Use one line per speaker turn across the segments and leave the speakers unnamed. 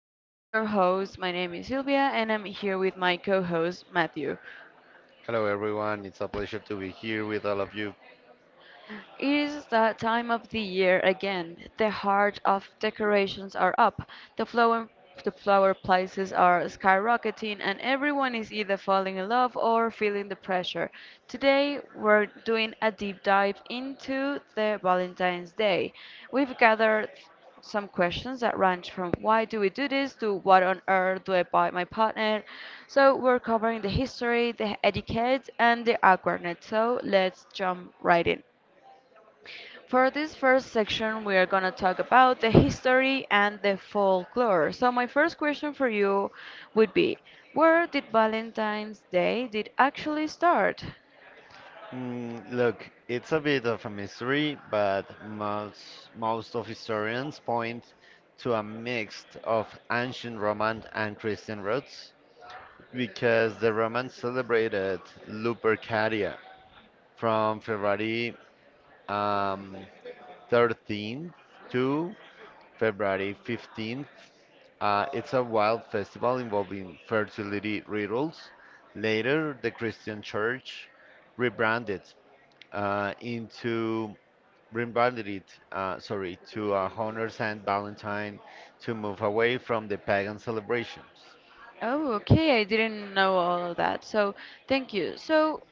I'm your host. My name is Sylvia, and I'm here with my co host, Matthew.
Hello, everyone. It's a pleasure to be here with all of you.
It is that time of the year again. The heart of decorations are up, the flower, the flower prices are skyrocketing, and everyone is either falling in love or feeling the pressure. Today, we're doing a deep dive into the Valentine's Day. We've gathered some questions that range from why do we do this to what on earth do I buy my partner. So we're covering the history, the etiquette, and the awkwardness. So let's jump right in. For this first section, we are going to talk about the history and the folklore. So, my first question for you would be, where did Valentine's Day did actually start?
Mm, look, it's a bit of a mystery, but most of historians point to a mix of ancient Roman and Christian roots because the Romans celebrated Lupercalia from February um, 13 to February 15th. It's a wild festival involving fertility rituals. Later, the Christian church rebranded uh, into rebranded it to honor Saint Valentine to move away from the pagan celebrations.
Oh, okay, I didn't know all of that. So, thank you. So,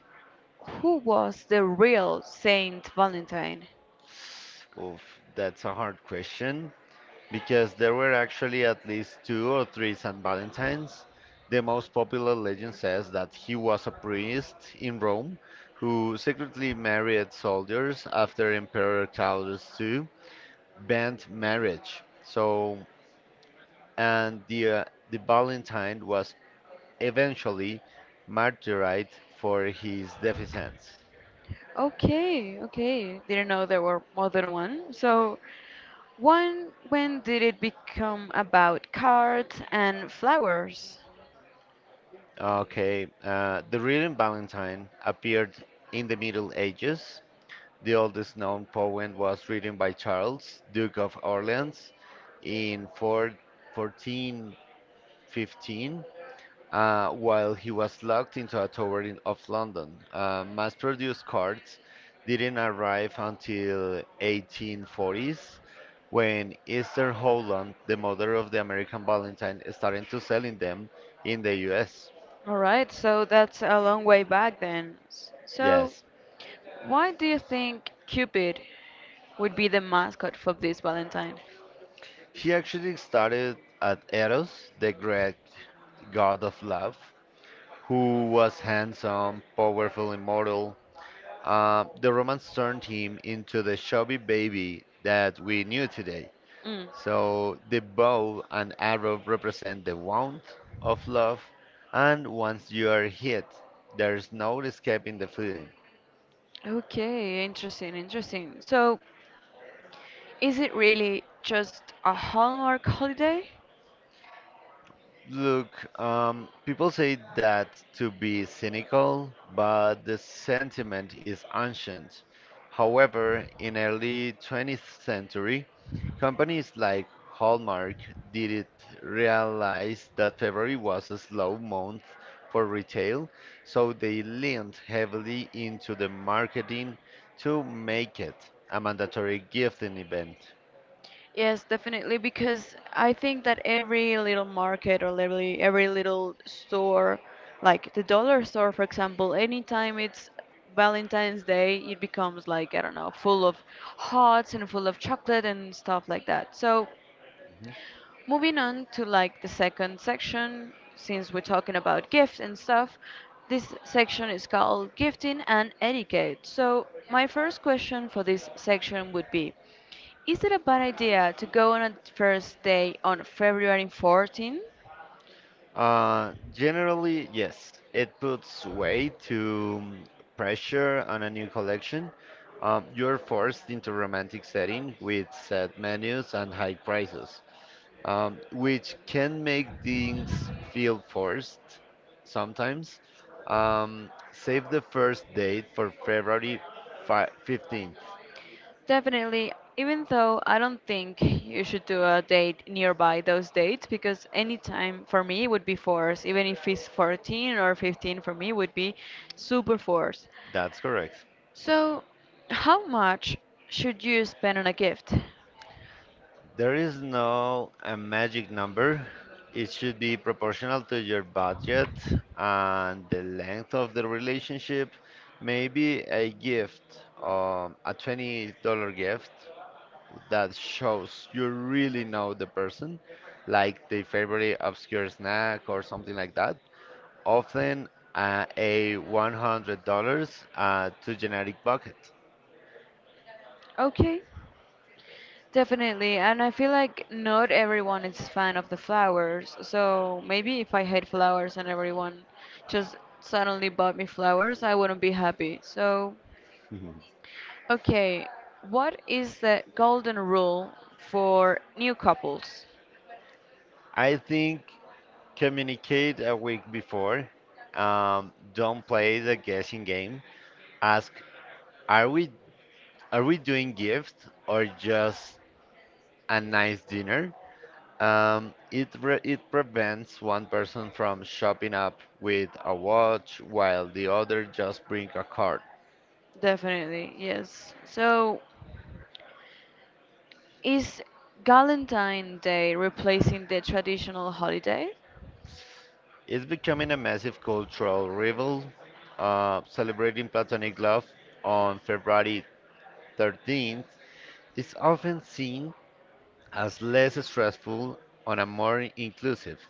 who was the real Saint Valentine?
Oof, that's a hard question, because there were actually at least two or three St. Valentines. The most popular legend says that he was a priest in Rome who secretly married soldiers after Emperor Claudius II banned marriage. And the Valentine was eventually martyred for his defiance.
Okay, okay. Didn't know there were more than one. So, one, when did it become about cards and flowers?
Okay, the real Valentine appeared in the Middle Ages. The oldest known poem was written by Charles, Duke of Orleans, in 4 1415 while he was locked into a tower of London. Mass produced cards didn't arrive until 1840s, when Esther Holland, the mother of the American Valentine, started to selling them in the US.
All right, so that's a long way back then. So,
Yes,
why do you think Cupid would be the mascot for this Valentine?
she actually started at Eros, the great god of love, who was handsome, powerful, immortal. The romance turned him into the chubby baby that we knew today.
Mm.
So the bow and arrow represent the wound of love, and once you are hit, there's no escaping the feeling.
Okay, interesting, interesting. So, is it really just a Hallmark holiday?
People say that to be cynical, but the sentiment is ancient. However, in early 20th century, companies like Hallmark didn't realize that February was a slow month for retail, so they leaned heavily into the marketing to make it a mandatory gifting event.
Yes, definitely, because I think that every little market or every little store, like the dollar store, for example, anytime it's Valentine's Day, it becomes like, I don't know, full of hearts and full of chocolate and stuff like that. So moving on to like the second section, since we're talking about gifts and stuff, this section is called Gifting and Etiquette. So, my first question for this section would be, is it a bad idea to go on a first day on February 14th?
Generally, yes, it puts weight to pressure on a new collection. You're forced into romantic setting with set menus and high prices, which can make things feel forced sometimes. Save the first date for February fi 15th.
Definitely, even though I don't think you should do a date nearby those dates because any time for me would be forced, even if it's 14 or 15 for me would be super forced.
That's correct.
So, how much should you spend on a gift?
There is no a magic number. It should be proportional to your budget and the length of the relationship. Maybe a $20 gift that shows you really know the person, like the favorite obscure snack or something like that. Often a $100 to generic bucket.
Okay, definitely. And I feel like not everyone is fan of the flowers. So maybe if I hate flowers and everyone just suddenly bought me flowers, I wouldn't be happy. So, okay, what is the golden rule for new couples?
I think, communicate a week before. Don't play the guessing game. Ask, are we are we doing gifts or just a nice dinner? It prevents one person from shopping up with a watch while the other just bring a card.
Definitely, yes. So, is Valentine Day replacing the traditional holiday?
It's becoming a massive cultural rival, celebrating platonic love on February 13th is often seen as less stressful and a more inclusive,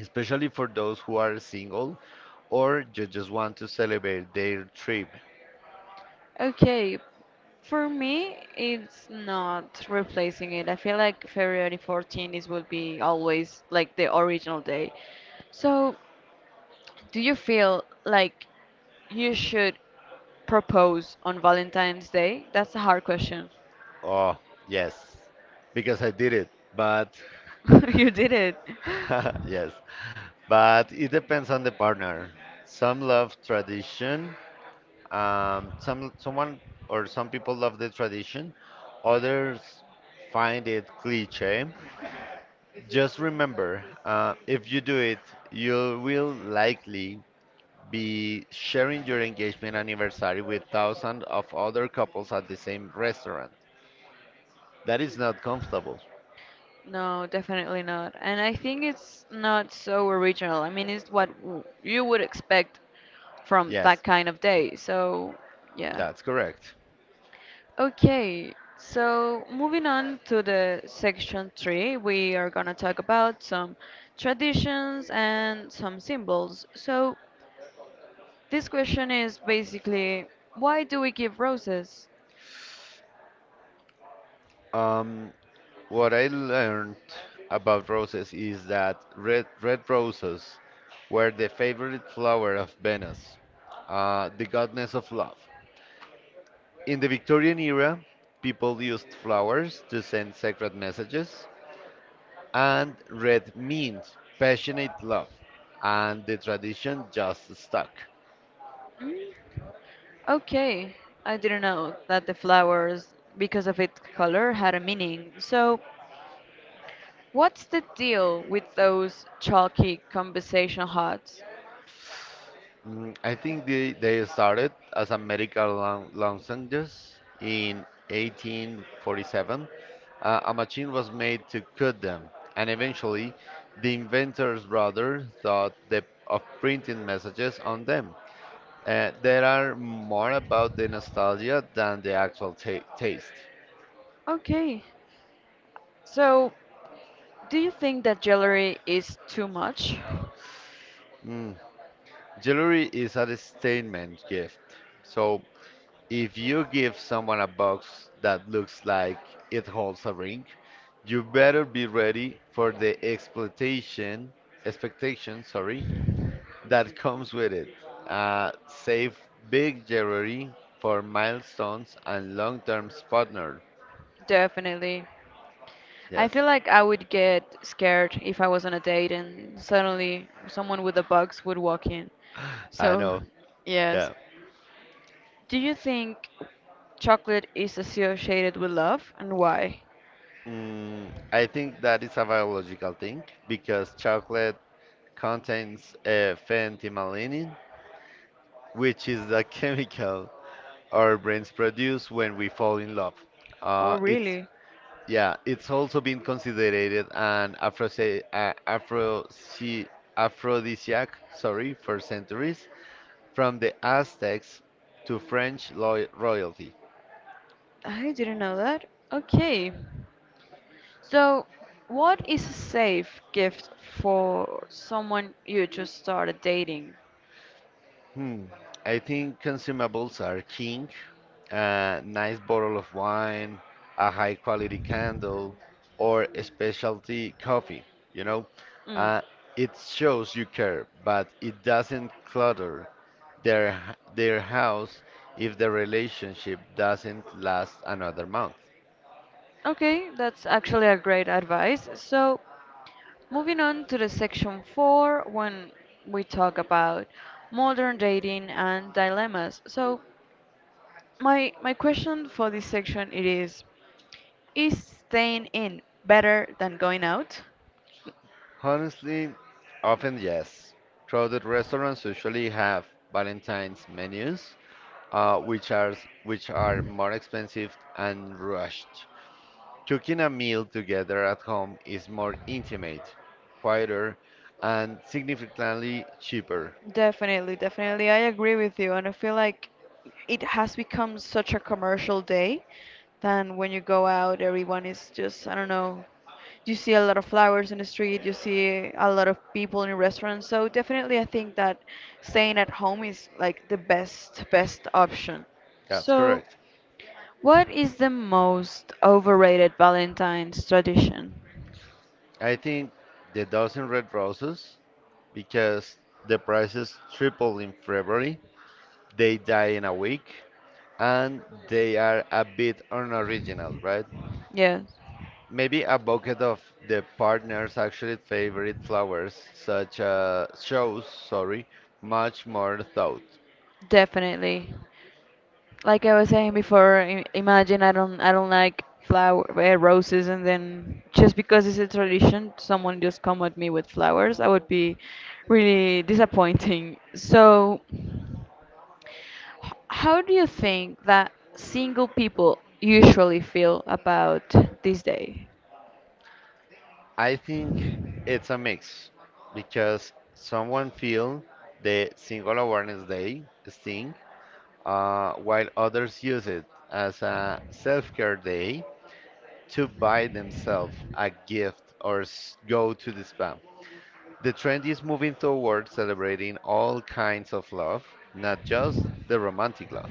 especially for those who are single or just want to celebrate their trip.
Okay, for me, it's not replacing it. I feel like February 14th is will be always like the original day. So, do you feel like you should propose on Valentine's Day? That's a hard question.
Oh, yes, because I did it, but
You did it.
yes, but it depends on the partner. Some love tradition, some someone or some people love the tradition, others find it cliche. Just remember, if you do it, you will likely be sharing your engagement anniversary with thousands of other couples at the same restaurant. That is not comfortable.
No, definitely not. And I think it's not so original. I mean, it's what you would expect from that
Yes,
kind of day. So, yeah.
that's correct.
Okay, so moving on to the section three, we are gonna talk about some traditions and some symbols. So this question is basically, why do we give roses?
Um, what I learned about roses is that red roses were the favorite flower of Venus, the goddess of love. In the Victorian era, people used flowers to send sacred messages, and red means passionate love, and the tradition just stuck.
Mm, okay, I didn't know that the flowers, because of its color, had a meaning. So what's the deal with those chalky conversation hearts?
I think they started as a medical lozenges in 1847. A machine was made to cut them, and eventually, the inventor's brother thought of printing messages on them. There are more about the nostalgia than the actual taste.
Okay, so do you think that jewelry is too much?
Mm, Jewelry is a statement gift. So if you give someone a box that looks like it holds a ring, you better be ready for the exploitation expectation, sorry, that comes with it. Save big jewelry for milestones and long-term partner.
Definitely. I
Yes,
feel like I would get scared if I was on a date and suddenly someone with a box would walk in.
I
So,
know.
yes.
Yeah.
Do you think chocolate is associated with love and why?
I think that is a biological thing because chocolate contains phenethylmelanin, which is the chemical our brains produce when we fall in love.
Oh,
It's
really?
yeah, it's also been considered an aphrodisiac, sorry, for centuries, from the Aztecs to French lo royalty.
I didn't know that. Okay. So, what is a safe gift for someone you just started dating?
Hmm. I think consumables are king. A nice bottle of wine, a high quality candle, or a specialty coffee, you know?
Mm.
Uh, it shows you care, but it doesn't clutter their house if the relationship doesn't last another month.
Okay, that's actually a great advice. So, moving on to the section four, when we talk about modern dating and dilemmas. So, my question for this section it is: is staying in better than going out?
Honestly, often yes. Crowded restaurants usually have Valentine's menus, uh, which are which are more expensive and rushed. Cooking a meal together at home is more intimate, quieter, and significantly cheaper.
Definitely, definitely. I agree with you. And I feel like it has become such a commercial day than when you go out, everyone is just, I don't know, you see a lot of flowers in the street, you see a lot of people in restaurants. So definitely, I think that staying at home is like the best, best option.
That's
So,
correct.
what is the most overrated Valentine's tradition?
I think the dozen red roses, because the prices tripled in February, they die in a week, and they are a bit unoriginal, right?
Yes,
Maybe a bucket of the partner's actually favorite flowers, such as shows, sorry, much more thought.
definitely. Like I was saying before, imagine I don't like flower roses, and then just because it's a tradition, someone just come at me with flowers. I would be really disappointing. So, how do you think that single people usually feel about this day?
I think it's a mix because someone feel the single awareness day sting, while others use it as a self-care day to buy themselves a gift or go to the spa. The trend is moving towards celebrating all kinds of love, not just the romantic love.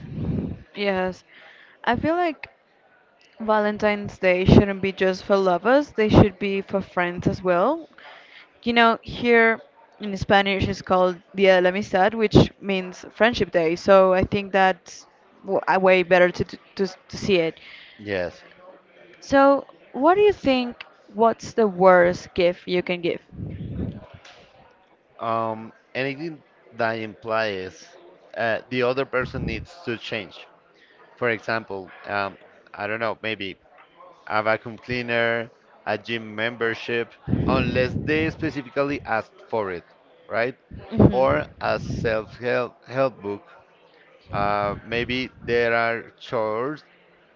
Yes, I feel like Valentine's Day shouldn't be just for lovers, they should be for friends as well. You know, here in Spanish it's called Dia de la Amistad, which means Friendship Day. So I think that's a way better to, to to see it.
Yes.
So, what do you think? What's the worst gift you can give?
Anything that implies the other person needs to change. For example, I don't know, maybe a vacuum cleaner, a gym membership, unless they specifically asked for it, right?
hmm
Or a self-help help book. Maybe there are chores,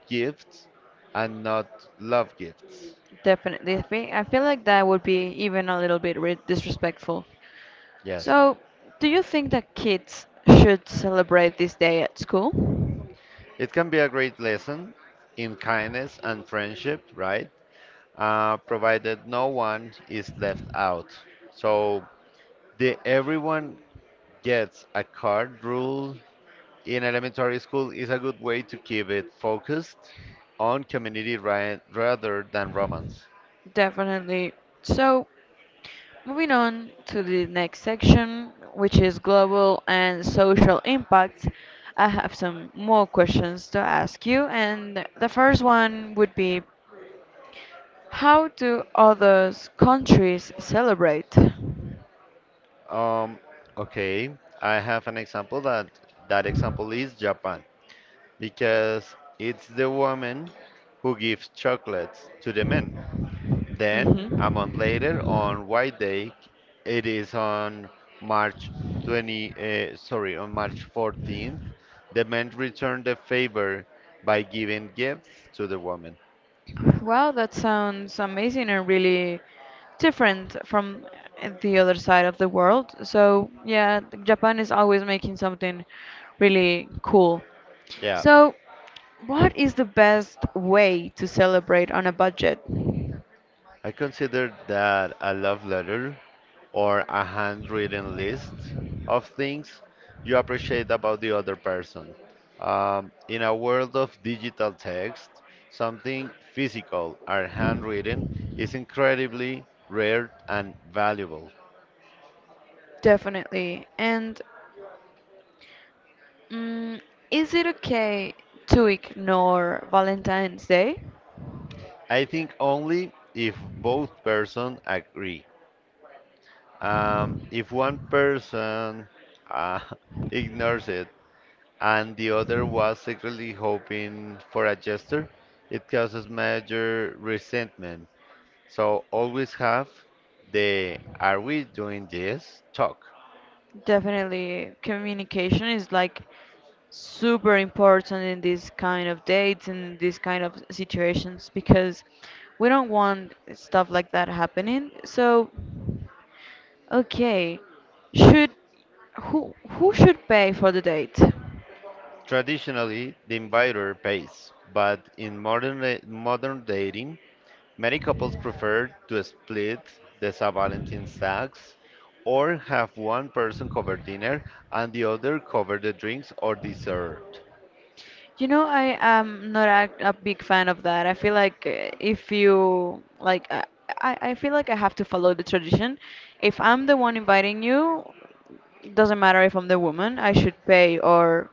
gifts, and not love gifts.
Definitely. I feel like that would be even a little bit disrespectful.
Yes.
So, do you think that kids should celebrate this day at school?
It can be a great lesson in kindness and friendship, right? Provided no one is left out. So the everyone gets a card rule in elementary school is a good way to keep it focused on community rather than romance.
Definitely. So, moving on to the next section, which is global and social impacts, I have some more questions to ask you. And the first one would be, how do others countries celebrate?
Um, okay, I have an example that that example is Japan because it's the woman who gives chocolates to the men.
hmm
Then a month later, on White Day, it is on March 20, uh, sorry, on March 14th, the men return the favor by giving gifts to the woman.
Wow, that sounds amazing and really different from the other side of the world. So, yeah, Japan is always making something really cool.
Yeah.
So, what is the best way to celebrate on a budget?
I consider that a love letter or a handwritten list of things you appreciate about the other person. In a world of digital text, something physical or handwritten is incredibly rare and valuable.
Definitely. And mm, is it okay to ignore Valentine's Day?
I think only if both person agree. If one person uh, ignores it, and the other was secretly hoping for a gesture. It causes major resentment. So always have the are we doing this talk.
Definitely, communication is like super important in these kind of dates and in these kind of situations because we don't want stuff like that happening. So, okay, should who should pay for the date?
Traditionally, the inviter pays, but in modern dating, many couples prefer to split the Saint Valentine's tax or have one person cover dinner and the other cover the drinks or dessert.
You know, I am not a big fan of that. I feel like if you like, I, I feel like I have to follow the tradition. If I'm the one inviting you, it doesn't matter if I'm the woman, I should pay. Or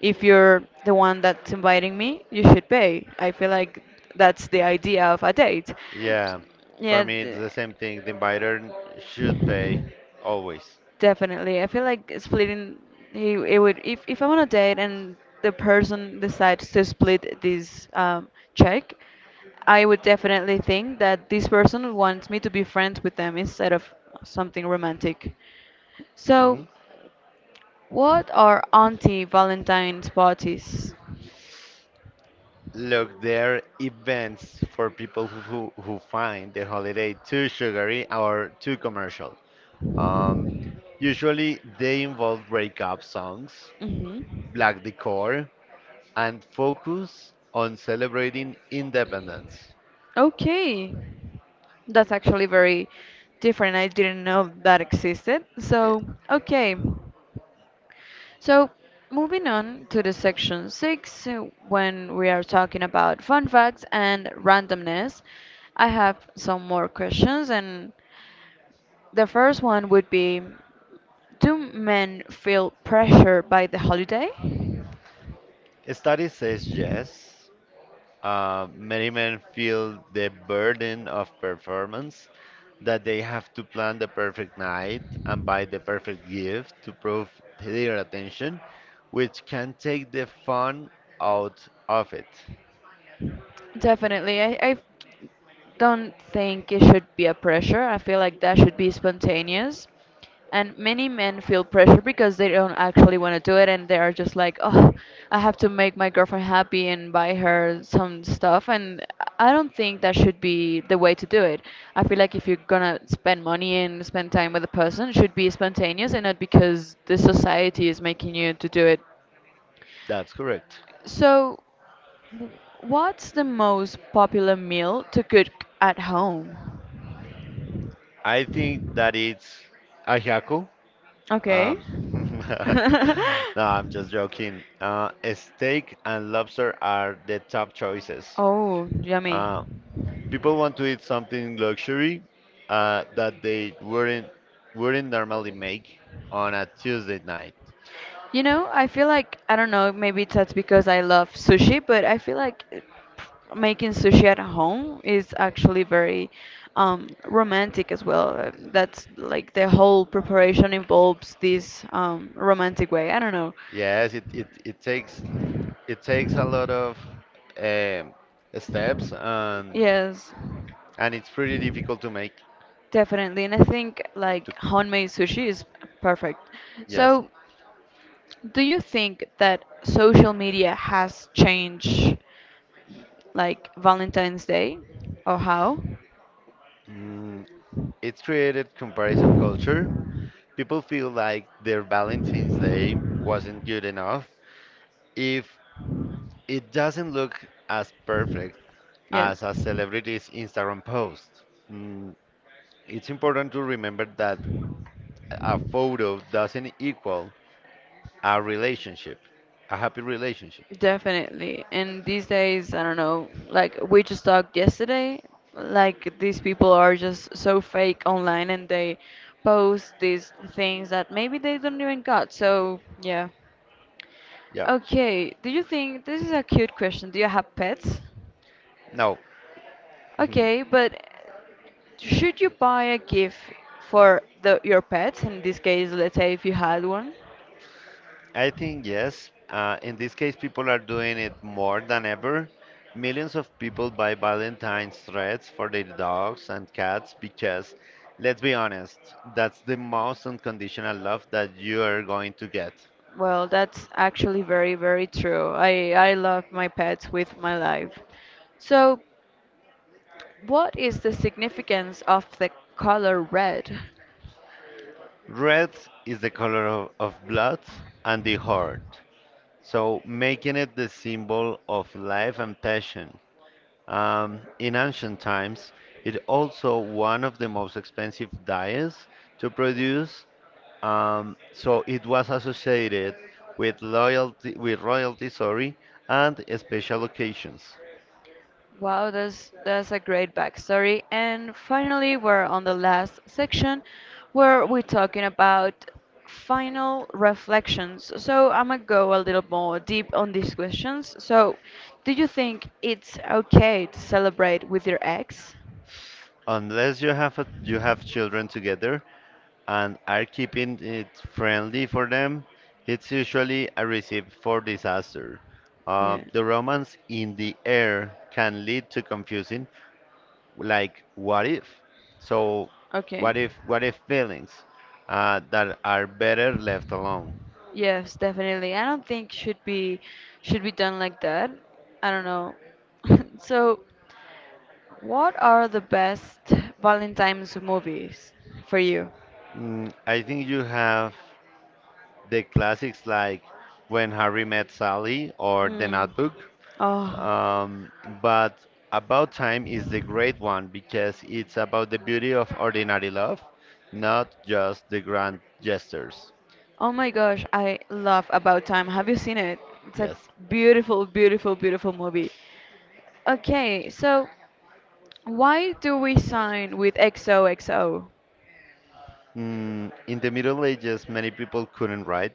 if you're the one that's inviting me, you should pay. I feel like that's the idea of a date.
Yeah, for
Yeah,
me it's the same thing. The inviter should pay always.
definitely. I feel like splitting he it would if I'm on a date and the person decides to split this check, I would definitely think that this person wants me to be friends with them instead of something romantic. So,
Hmm.
what are anti Valentine's parties?
Look, there are events for who find the holiday too sugary or too commercial. Um, Usually they involve breakup songs,
hmm
black decor, and focus on celebrating independence.
Okay. That's actually very different. I didn't know that existed.
Eh,
So, okay. So, moving on to the section six, when we are talking about fun facts and randomness, I have some more questions. And the first one would be, do men feel pressure by the holiday?
study says yes. Many men feel the burden of performance, that they have to plan the perfect night and buy the perfect gift to prove their attention, which can take the fun out of it.
Definitely. I don't think it should be a pressure. I feel like that should be spontaneous. And many men feel pressure because they don't actually want to do it and they are just like, oh, I have to make my girlfriend happy and buy her some stuff. And I don't think that should be the way to do it. I feel like if you're gonna spend money and spend time with a person, it should be spontaneous and not because the society is making you to do it.
That's correct.
So, w- what's the most popular meal to cook at home?
I think that it's a haiku.
Okay.
Um, no, I'm just joking. Steak and lobster are the top choices.
Oh, yummy.
Uh, People want to eat something luxury that they wouldn't normally make on a Tuesday night.
You know, I feel like, I don't know, maybe that's because I love sushi, but I feel like making sushi at home is actually very romantic as well. That's like the whole preparation involves this romantic way. I don't know.
Yes, it takes a lot of um, steps,
Yes,
and it's pretty difficult to make.
definitely. And I think like
To,
homemade sushi is perfect.
yes,
So do you think that social media has changed like Valentine's Day or how?
mm, it's created comparison culture. People feel like their Valentine's Day wasn't good enough if it doesn't look as perfect as
Yes,
a celebrity's Instagram post. Mm, it's important to remember that a photo doesn't equal a relationship, a happy relationship.
definitely. And these days, I don't know, like we just talked yesterday, like these people are just so fake online and they post these things that maybe they don't even got. So, yeah.
Yep.
Okay, do you think this is a cute question? Do you have pets?
No.
Okay, but should you buy a gift for the, your pets? In this case, let's say if you had one.
I think yes. In this case, people are doing it more than ever. Millions of people buy Valentine's threads for their dogs and cats because, let's be honest, that's the most unconditional love that you are going to get.
Well, that's actually very, very true. I love my pets with my life. So, what is the significance of the color red?
Red is the color of blood and the heart, so making it the symbol of life and passion. In ancient times, it also one of the most expensive dyes to produce, so it was associated with royalty, sorry, and special occasions.
Wow, that's a great backstory. And finally, we're on the last section where we're talking about final reflections. So I'm gonna go a little more deep on these questions. So, do you think it's okay to celebrate with your ex?
Unless you have children together, and are keeping it friendly for them, it's usually a recipe for disaster.
Yeah.
The romance in the air can lead to confusing, like what if? So,
Okay.
what if feelings that are better left alone?
Yes, definitely. I don't think should be done like that. I don't know. So, what are the best Valentine's movies for you?
I think you have the classics like When Harry Met Sally or The
Mm.
Notebook.
Oh,
Um, but About Time is the great one because it's about the beauty of ordinary love, not just the grand gestures.
oh my gosh, I love About Time. Have you seen it? It's a
Yes.
beautiful, beautiful, beautiful movie. Okay, so why do we sign with XOXO?
In the Middle Ages, many people couldn't write,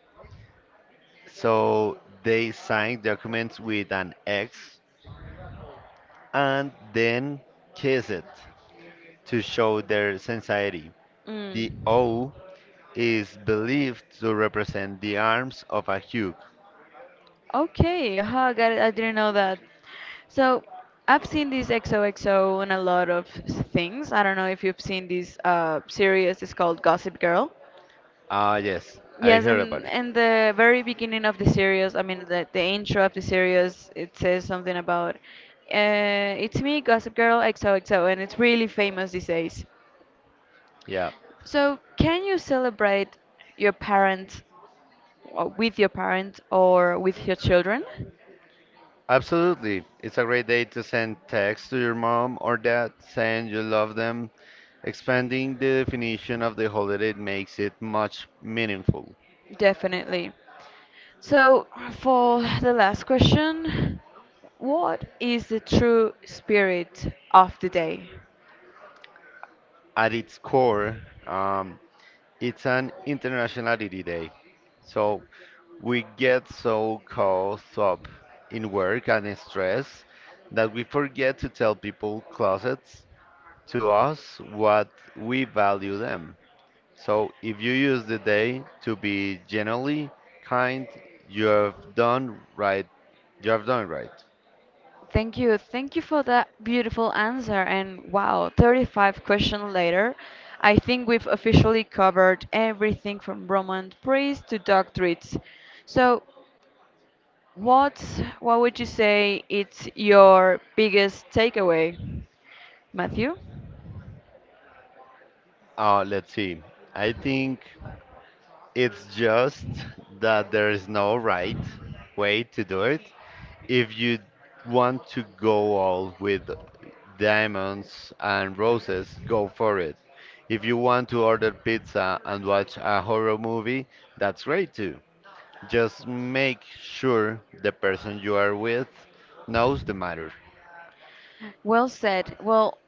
so they signed documents with an X and then kissed it to show their sincerity. The
Mm.
O is believed to represent the arms of a hug.
Okay, aha, got it. I didn't know that. So I've seen this XOXO in a lot of things. I don't know if you've seen this series. It's called Gossip Girl.
Ah, yes, I
Yes,
heard about
and
it.
in the very beginning of the series, I mean, the intro of the series, it says something about, it's me, Gossip Girl XOXO, and it's really famous these days.
Yeah.
So, can you celebrate your parents or with your parents or with your children?
Absolutely. It's a great day to send texts to your mom or dad saying you love them. Expanding the definition of the holiday makes it much meaningful.
Definitely. So, for the last question, what is the true spirit of the day?
At its core, um, it's an internationality day. So we get so caught up in work and in stress that we forget to tell people closets to us what we value them. So if you use the day to be generally kind, you have done right. You have done right.
Thank you. Thank you for that beautiful answer. And wow, 35 questions later, I think we've officially covered everything from Roman priests to doctorates. So, what what would you say it's your biggest takeaway, Matthew?
Let's see. I think it's just that there is no right way to do it. If you want to go all with diamonds and roses, go for it. If you want to order pizza and watch a horror movie, that's great too. Just make sure the person you are with knows the matter.
Well said. Well,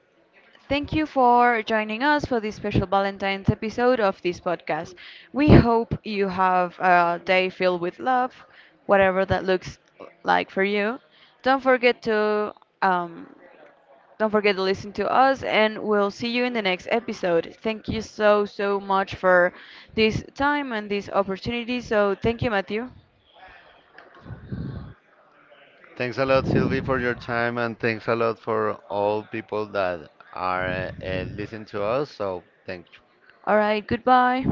thank you for joining us for this special Valentine's episode of this podcast. We hope you have a day filled with love, whatever that looks like for you. Don't forget to um, don't forget to listen to us, and we'll see you in the next episode. Thank you so so much for this time and this opportunity. So thank you, Matthew.
Thanks a lot, Sylvie, for your time, and thanks a lot for all people that are listening to us. So, thank you.
All right, goodbye.